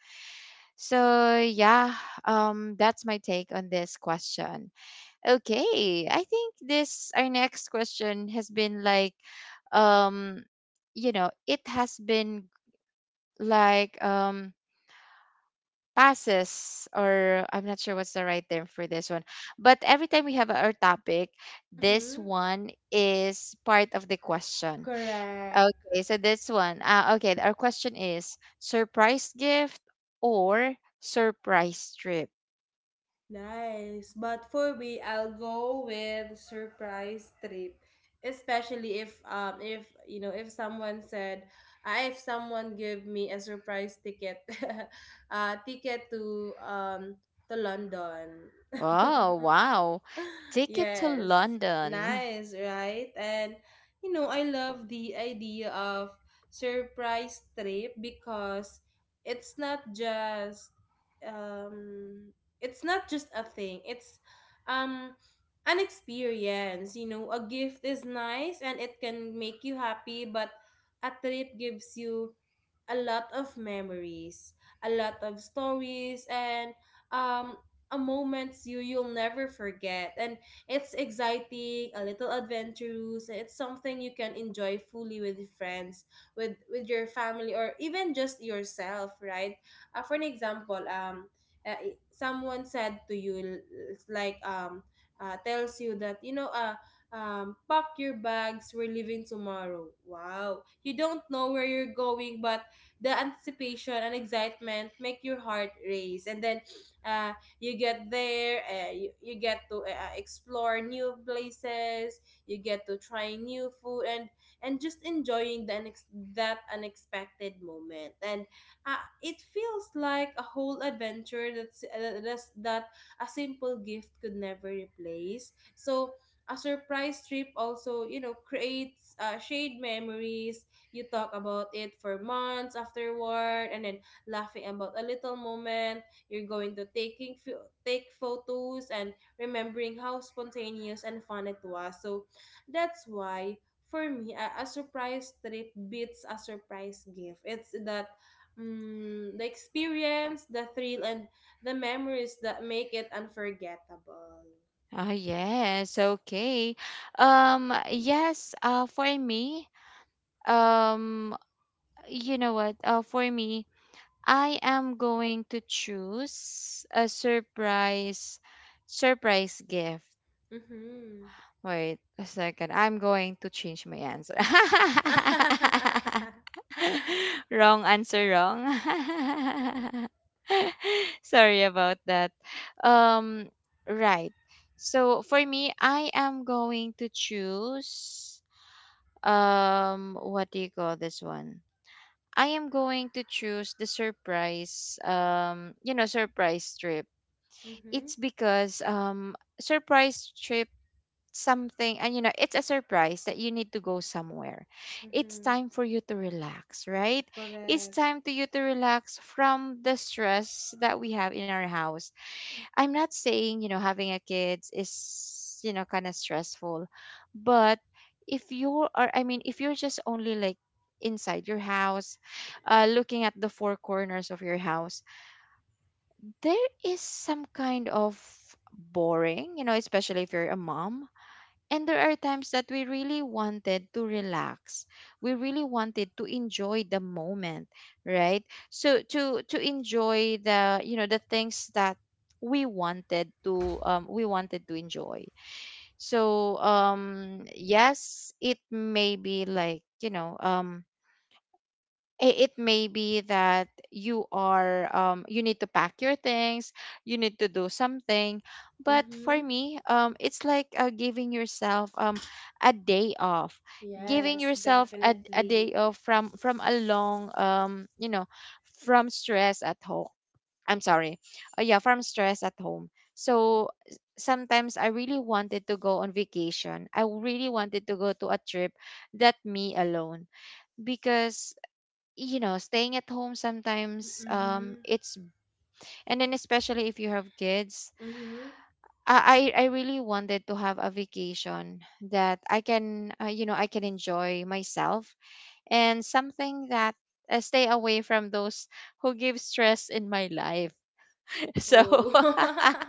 Speaker 1: So yeah that's my take on this question. Okay, I think this our next question has been like um you know it has been like passes or I'm not sure what's the right term for this one, but every time we have our topic, this
Speaker 2: Mm-hmm.
Speaker 1: one is part of the question.
Speaker 2: Correct.
Speaker 1: Okay, so this one. Okay, our question is surprise gift or surprise trip?
Speaker 2: Nice. But for me, I'll go with surprise trip. Especially if you know, if someone said, ah, if someone give me a surprise ticket, <laughs> ticket to London.
Speaker 1: Oh,
Speaker 2: <laughs>
Speaker 1: wow.
Speaker 2: <laughs>
Speaker 1: Ticket to
Speaker 2: Yes,
Speaker 1: London.
Speaker 2: nice, right? And you know, I love the idea of surprise trip because it's not just um it's not just a thing. It's um an experience, you know. A gift is nice and it can make you happy, but a trip gives you a lot of memories, a lot of stories, and um a moments you you'll never forget, and it's exciting, a little adventurous, and it's something you can enjoy fully with friends, with your family, or even just yourself, right? For an example, someone said to you, l- it's like tells you that, you know, pack your bags, we're leaving tomorrow. Wow, you don't know where you're going, but the anticipation and excitement make your heart race. And then uh you get there. You get to explore new places, you get to try new food, and just enjoying the that unexpected moment. And it feels like a whole adventure that's that a simple gift could never replace. So a surprise trip also, you know, creates shared memories. You talk about it for months afterward, and then laughing about a little moment, you're going to take photos and remembering how spontaneous and fun it was. So that's why for me, a surprise trip beats a surprise gift. It's that the experience, the thrill, and the memories that make it unforgettable.
Speaker 1: Oh, yes.
Speaker 2: Yes.
Speaker 1: Okay. Yes, for me, um, you know what? For me, I am going to choose a surprise gift.
Speaker 2: Mm-hmm.
Speaker 1: Wait a second. I'm going to change my answer.
Speaker 2: <laughs>
Speaker 1: <laughs> wrong answer, wrong. <laughs> Sorry about that. Um, right. So for me, I am going to choose what do you call this one? I am going to choose the surprise you know surprise trip.
Speaker 2: Mm-hmm.
Speaker 1: It's because surprise trip something, and you know it's a surprise that you need to go somewhere. It's
Speaker 2: Mm-hmm.
Speaker 1: time for you to relax, right? It's
Speaker 2: Correct.
Speaker 1: time to you to relax from the stress that we have in our house. I'm not saying you know having a kids is you know kind of stressful, but if you are, I mean, if you're just only like inside your house, looking at the four corners of your house, there is some kind of boring you know, especially if you're a mom. And there are times that we really wanted to relax. We really wanted to enjoy the moment, right? So to enjoy the you know the things that we wanted to enjoy. So yes, it may be like you know it may be that you are you need to pack your things, you need to do something. But for
Speaker 2: Mm-hmm.
Speaker 1: me it's like giving yourself a day off, giving
Speaker 2: Yes,
Speaker 1: yourself a day
Speaker 2: definitely.
Speaker 1: off from a long you know from stress at home. I'm sorry. Yeah, from stress at home. So sometimes I really wanted to go on vacation, I really wanted to go to a trip, that me alone, because you know staying at home sometimes
Speaker 2: Mm-hmm.
Speaker 1: it's, and then especially if you have kids.
Speaker 2: Mm-hmm.
Speaker 1: I really wanted to have a vacation that I can you know I can enjoy myself, and something that stay away from those who give stress in my life. <laughs> So
Speaker 2: Oh.
Speaker 1: <laughs>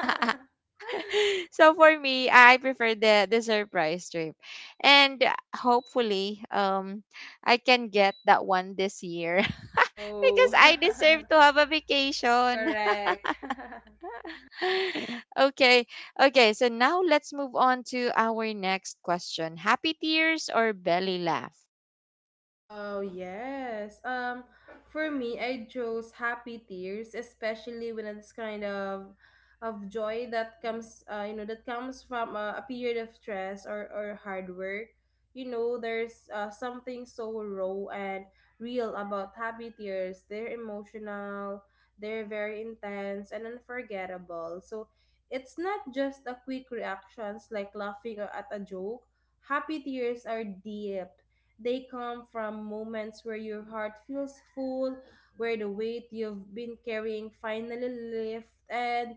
Speaker 1: <laughs>
Speaker 2: <laughs>
Speaker 1: so for me, I prefer the surprise trip, and hopefully, I can get that one this year <laughs> because
Speaker 2: Oh.
Speaker 1: I deserve to have a
Speaker 2: <laughs>
Speaker 1: vacation.
Speaker 2: Correct. <laughs>
Speaker 1: <laughs> Okay, okay. So now let's move on to our next question: Happy tears or belly laugh?
Speaker 2: Oh yes. For me, I chose happy tears, especially when it's kind of joy that comes, you know, that comes from a period of stress or hard work. You know, there's something so raw and real about happy tears. They're emotional, they're very intense and unforgettable. So it's not just a quick reactions like laughing at a joke. Happy tears are deep, they come from moments where your heart feels full, where the weight you've been carrying finally lifts, and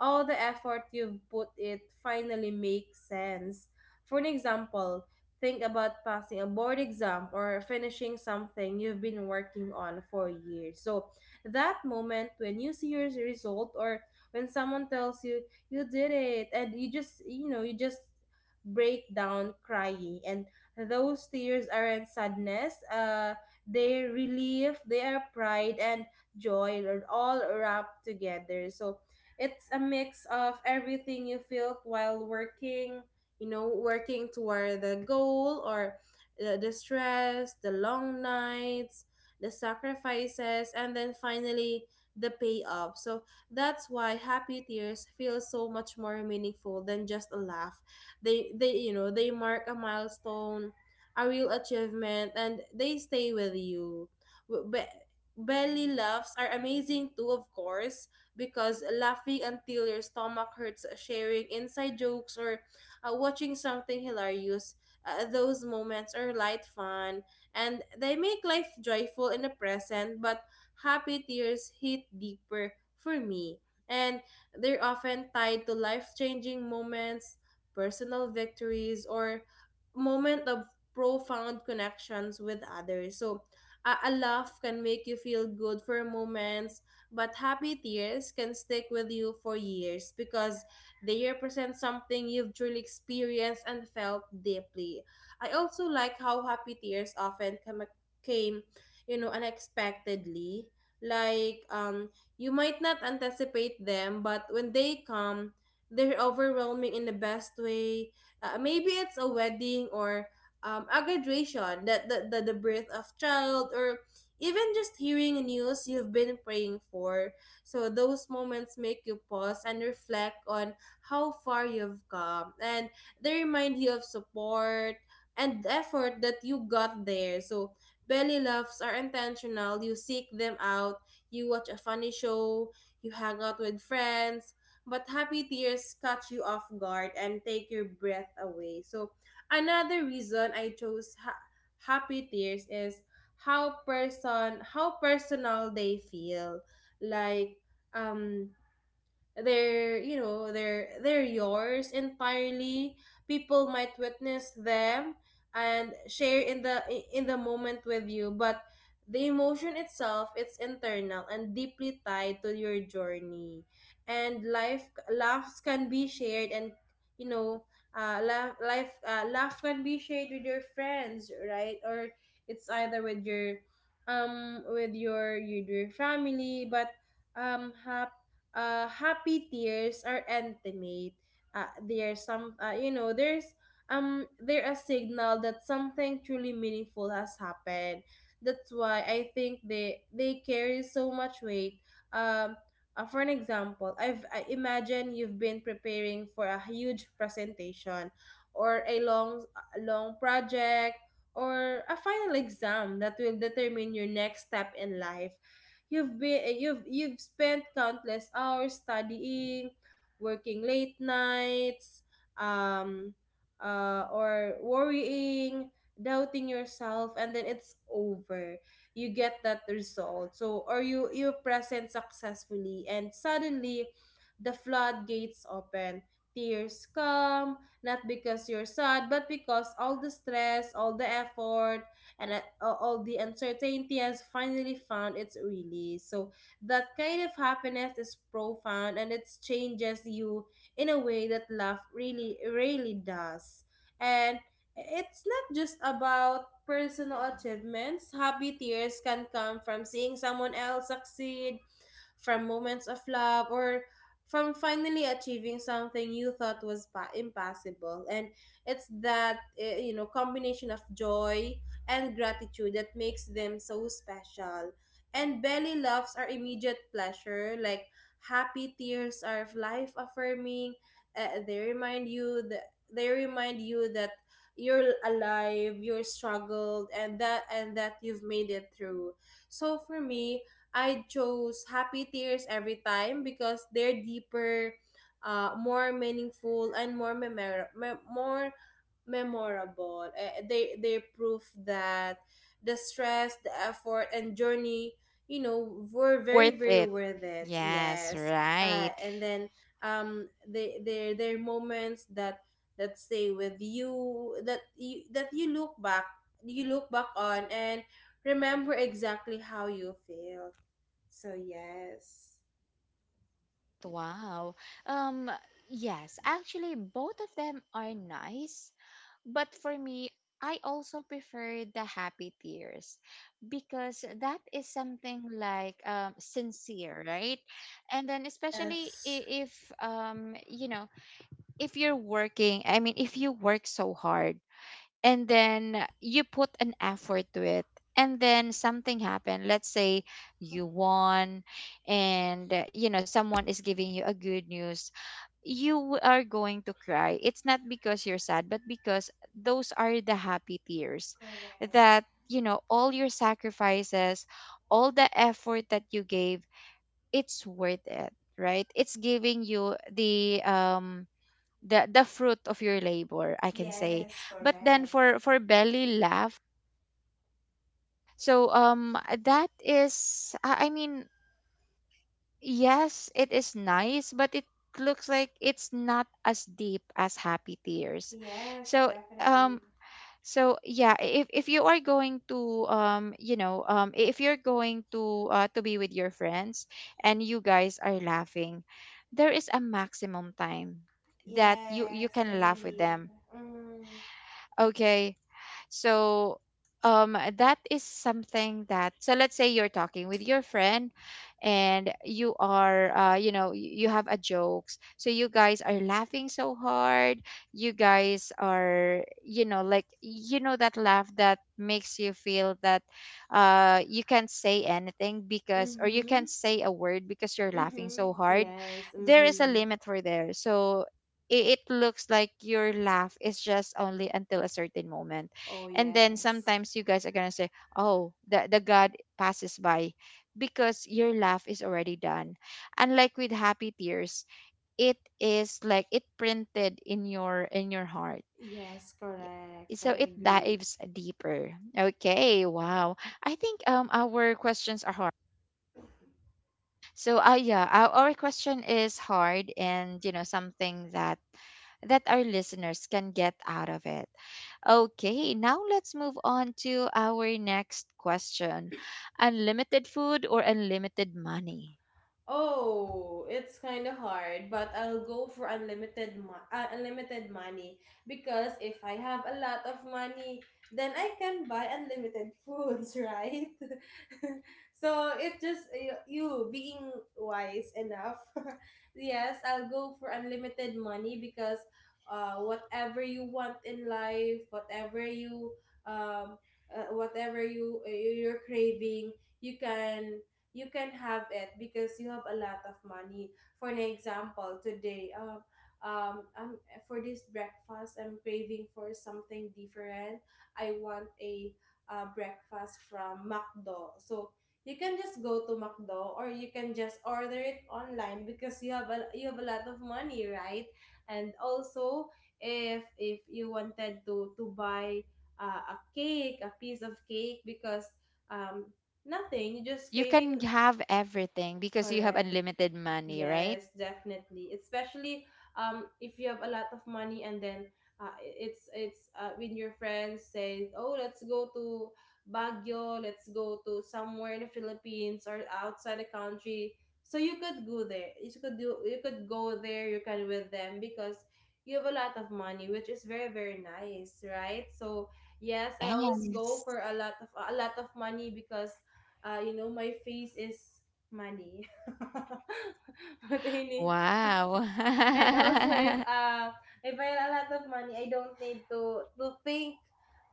Speaker 2: all the effort you've put it finally makes sense. For an example, think about passing a board exam or finishing something you've been working on for years. So that moment when you see your result, or when someone tells you you did it, and you just, you know, you just break down crying, and those tears aren't sadness, they're relief, they are pride, and joy are all wrapped together. So it's a mix of everything you felt while working, you know, working toward the goal, or the stress, the long nights, the sacrifices, and then finally the payoff. So that's why happy tears feel so much more meaningful than just a laugh. They you know, they mark a milestone, a real achievement, and they stay with you. W- Be- Belly laughs are amazing too, of course, because laughing until your stomach hurts, sharing inside jokes, or watching something hilarious. Those moments are light fun, and they make life joyful in the present, but happy tears hit deeper for me. And they're often tied to life changing moments, personal victories, or moment of profound connections with others. So a laugh can make you feel good for moments, but happy tears can stick with you for years because they represent something you've truly experienced and felt deeply. I also like how happy tears often come, came, you know, unexpectedly. Like you might not anticipate them, but when they come, they're overwhelming in the best way. Maybe it's a wedding, or a graduation, that the birth of child, or even just hearing news you've been praying for. So those moments make you pause and reflect on how far you've come, and they remind you of support and effort that you got there. So belly laughs are intentional. You seek them out. You watch a funny show. You hang out with friends. But happy tears catch you off guard and take your breath away. So another reason I chose happy tears is how person how personal they feel. Like um they're, you know, they're yours entirely. People might witness them and share in the moment with you, but the emotion itself, it's internal and deeply tied to your journey and life. Laughs can be shared, and you know, laugh, life laugh can be shared with your friends, right? Or it's either with your family. But um happy happy tears are intimate. There's some, you know, there's they're a signal that something truly meaningful has happened. That's why I think they carry so much weight. Um, for an example, I've I imagine you've been preparing for a huge presentation, or a long, a long project, or a final exam that will determine your next step in life. You've been, you've spent countless hours studying, working late nights, um or worrying, doubting yourself, and then it's over. You get that result. So, or you present successfully, and suddenly the floodgates open. Tears come, not because you're sad, but because all the stress, all the effort, and all the uncertainty has finally found its release. So that kind of happiness is profound, and it changes you in a way that love really, really does. And it's not just about personal achievements. Happy tears can come from seeing someone else succeed, from moments of love, or from finally achieving something you thought was impossible. And it's that, you know, combination of joy and gratitude that makes them so special. And belly laughs are immediate pleasure, like happy tears are life affirming. They remind you that you're alive, you're struggled, and that, you've made it through. So for me, I chose happy tears every time because they're deeper, more meaningful, and more memorable. They prove that the stress, the effort, and journey, you know, were very
Speaker 1: Worth
Speaker 2: very
Speaker 1: it?
Speaker 2: worth it.
Speaker 1: Yes,
Speaker 2: Yes,
Speaker 1: right.
Speaker 2: and then they're moments that that stay with you, that you that you look back, you look back on, and remember exactly how you feel. So, yes.
Speaker 1: Wow. Um, yes, actually, both of them are nice, but for me, I also prefer the happy tears because that is something like sincere, right? And then, especially,
Speaker 2: Yes.
Speaker 1: if, you know, if you're working, I mean, if you work so hard, and then you put an effort to it, and then something happened, let's say you won, and you know someone is giving you a good news, you are going to cry. It's not because you're sad, but because those are the happy tears,
Speaker 2: Correct.
Speaker 1: that you know all your sacrifices, all the effort that you gave, it's worth it, right? It's giving you the fruit of your labor, I can say.
Speaker 2: Yes,
Speaker 1: But then
Speaker 2: correct.
Speaker 1: for belly laugh, so that is I mean, yes it is nice, but it looks like it's not as deep as happy tears.
Speaker 2: Yes,
Speaker 1: So
Speaker 2: definitely.
Speaker 1: so yeah, if you are going to you know if you're going to be with your friends and you guys are laughing, there is a maximum time that you
Speaker 2: Yes, I
Speaker 1: can laugh with
Speaker 2: believe.
Speaker 1: them.
Speaker 2: Mm.
Speaker 1: Okay. So that is something that, so let's say you're talking with your friend and you are you know you have a jokes, so you guys are laughing so hard, you guys are you know like you know that laugh that makes you feel that you can't say anything because, or you
Speaker 2: Mhm.
Speaker 1: can't say a word because you're laughing
Speaker 2: Mhm.
Speaker 1: so hard.
Speaker 2: Yes.
Speaker 1: There is a
Speaker 2: Mhm.
Speaker 1: limit for there. So it looks like your laugh is just only until a certain moment,
Speaker 2: Oh
Speaker 1: and then
Speaker 2: yes.
Speaker 1: sometimes you guys are gonna say, oh the god passes by, because your laugh is already done. Unlike with happy tears, it is like it printed in your heart.
Speaker 2: Yes, correct.
Speaker 1: Yeah.
Speaker 2: I
Speaker 1: So it
Speaker 2: agree.
Speaker 1: dives deeper. Okay, wow. I think our questions are so, yeah, our question is hard and, you know, something that that our listeners can get out of it. Okay, now let's move on to our next question. Unlimited food or unlimited money?
Speaker 2: Oh, it's kind of hard, but I'll go for unlimited money, because if I have a lot of money, then I can buy unlimited foods, <laughs> right? <laughs> So it just you, you being wise enough. <laughs> Yes, I'll go for unlimited money because whatever you want in life, um whatever you you're craving, you can you can have it because you have a lot of money. For an example, today, um, um, for this breakfast, I'm craving for something different. I want a breakfast from McDo. So you can just go to McDo, or you can just order it online, because you have a lot of money, right? And also, if you wanted to buy a cake, a piece of cake, because um, nothing, you just
Speaker 1: You can
Speaker 2: craving.
Speaker 1: have everything because you have
Speaker 2: Correct.
Speaker 1: unlimited money, right?
Speaker 2: Yes, definitely. Especially if you have a lot of money, and then it's when your friends say, "Oh, let's go to Baguio, let's go to somewhere in the Philippines or outside the country." So you could go there. You could go there, you can with them, because you have a lot of money, which is very very nice, right? So yes, I always go
Speaker 1: Yes.
Speaker 2: for a lot of money, because you know, my face is money. <laughs> <laughs> What I need.
Speaker 1: Wow.
Speaker 2: <laughs> And also,
Speaker 1: <laughs>
Speaker 2: if I have a lot of money, I don't need to think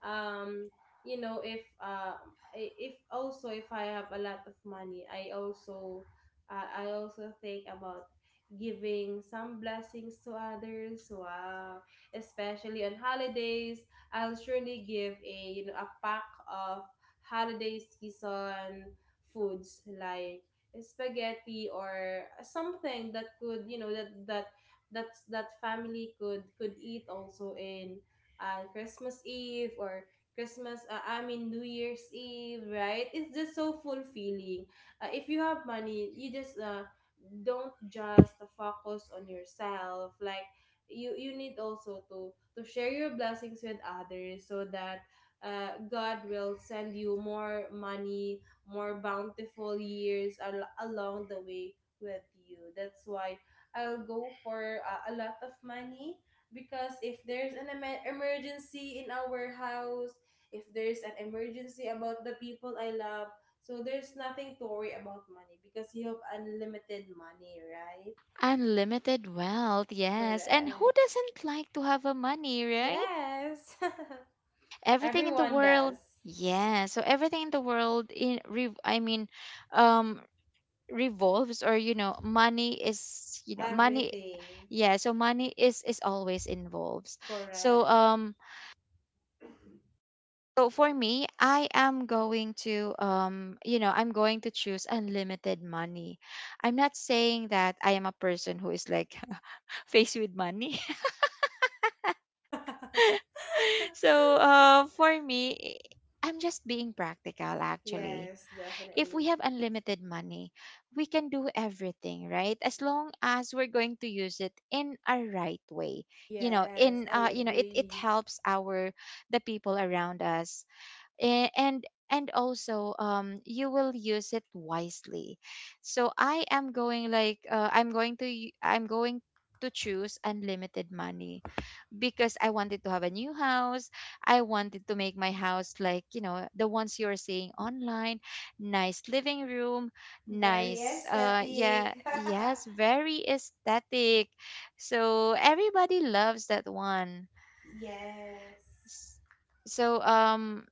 Speaker 2: um you know, if also if I have a lot of money, I also think about giving some blessings to others. Wow, especially on holidays, I'll surely give, a you know, a pack of holiday season foods like spaghetti, or something that could, you know, that that family could eat also in Christmas eve, or Christmas, New Year's eve, right? It's just so fulfilling. If you have money, you just don't just focus on yourself. Like you need also to share your blessings with others, so that God will send you more money, more bountiful years along the way with you. That's why I'll go for a lot of money. Because if there's an emergency in our house, if there's an emergency about the people I love, so there's nothing to worry about money, because you have unlimited money, right?
Speaker 1: Unlimited wealth, yes. And who
Speaker 2: Correct.
Speaker 1: doesn't like to have a money, right?
Speaker 2: Yes. <laughs>
Speaker 1: Everything in the
Speaker 2: Everyone
Speaker 1: world.
Speaker 2: does.
Speaker 1: Yeah, so everything in the world in I mean um revolves, or you know money is you know money.
Speaker 2: Everything.
Speaker 1: Yeah, so money is always involves. So
Speaker 2: Correct.
Speaker 1: so for me I am going to you know I'm going to choose unlimited money. I'm not saying that I am a person who is like <laughs> faced with money. <laughs> So
Speaker 2: <laughs>
Speaker 1: for me, I'm just being practical actually.
Speaker 2: Yes,
Speaker 1: If we
Speaker 2: definitely.
Speaker 1: have unlimited money, we can do everything, right? As long as we're going to use it in a right way. You know,
Speaker 2: Yes,
Speaker 1: in
Speaker 2: I
Speaker 1: you know, it
Speaker 2: agree.
Speaker 1: helps our the people around us. A- And and also you will use it wisely. So I am going like I'm going to I'm going to choose unlimited money because I wanted to have a new house. I wanted to make my house like, you know, the ones you're seeing online, nice living room,
Speaker 2: Very
Speaker 1: nice
Speaker 2: aesthetic.
Speaker 1: yeah, yes, very aesthetic. So everybody loves that one.
Speaker 2: <laughs> Yes.
Speaker 1: S- So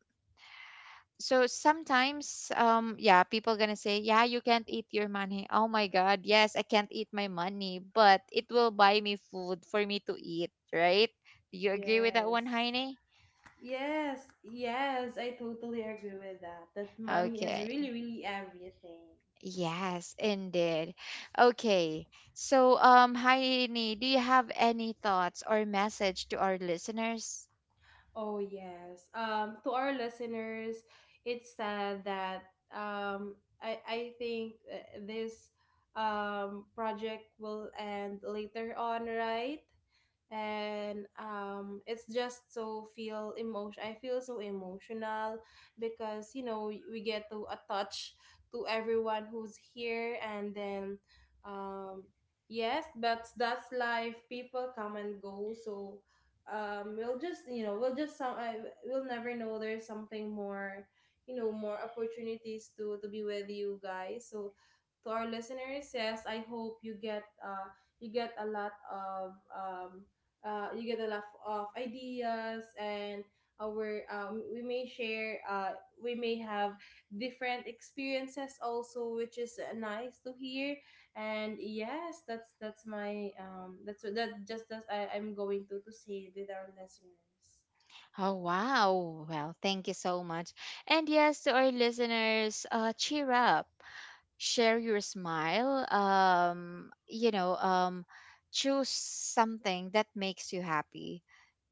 Speaker 1: so sometimes yeah, people going to say, "Yeah, you can't eat your money." Oh my god, yes, I can't eat my money, but it will buy me food for me to eat, right? Do you agree with that one,
Speaker 2: Yes.
Speaker 1: Heine?
Speaker 2: Yes, yes, I totally agree with that. That money is
Speaker 1: Okay.
Speaker 2: really, really everything.
Speaker 1: Yes, indeed. Okay. So, Heidi, do you have any thoughts or message to our listeners?
Speaker 2: Oh, yes. To our listeners, it's sad that I think this project will end later on, right? And it's just so feel emotion I feel so emotional, because you know, we get to attach to everyone who's here. And then um yes, but that's life, people come and go. So we'll just, you know, we'll never know, there's something more, you know, more opportunities to be with you guys. So to our listeners, yes, I hope you get a lot of you get a lot of ideas. And our we may have different experiences also, which is nice to hear. And yes, that's my that's what that just as I, I'm going to say with our listeners.
Speaker 1: Oh, wow. Well, thank you so much. And yes, to our listeners, cheer up, share your smile. You know, choose something that makes you happy.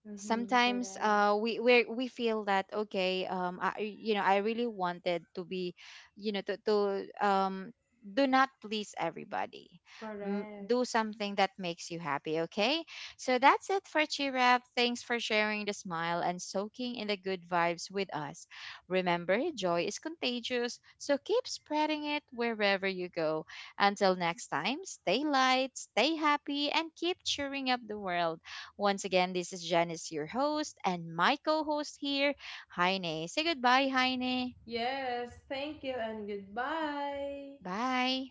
Speaker 2: Mm-hmm,
Speaker 1: Sometimes
Speaker 2: correct.
Speaker 1: we feel that okay I, you know I really wanted to be you know to um do not please everybody.
Speaker 2: Correct.
Speaker 1: Do something that makes you happy, okay. So that's it for cheer up. Thanks for sharing the smile and soaking in the good vibes with us. Remember joy is contagious, so keep spreading it wherever you go. Until next time, stay light, stay happy, and keep cheering up the world. Once again, this is Janice, your host, and my co host here, Heine. Say goodbye, Heine.
Speaker 2: Yes, thank you and goodbye.
Speaker 1: Bye.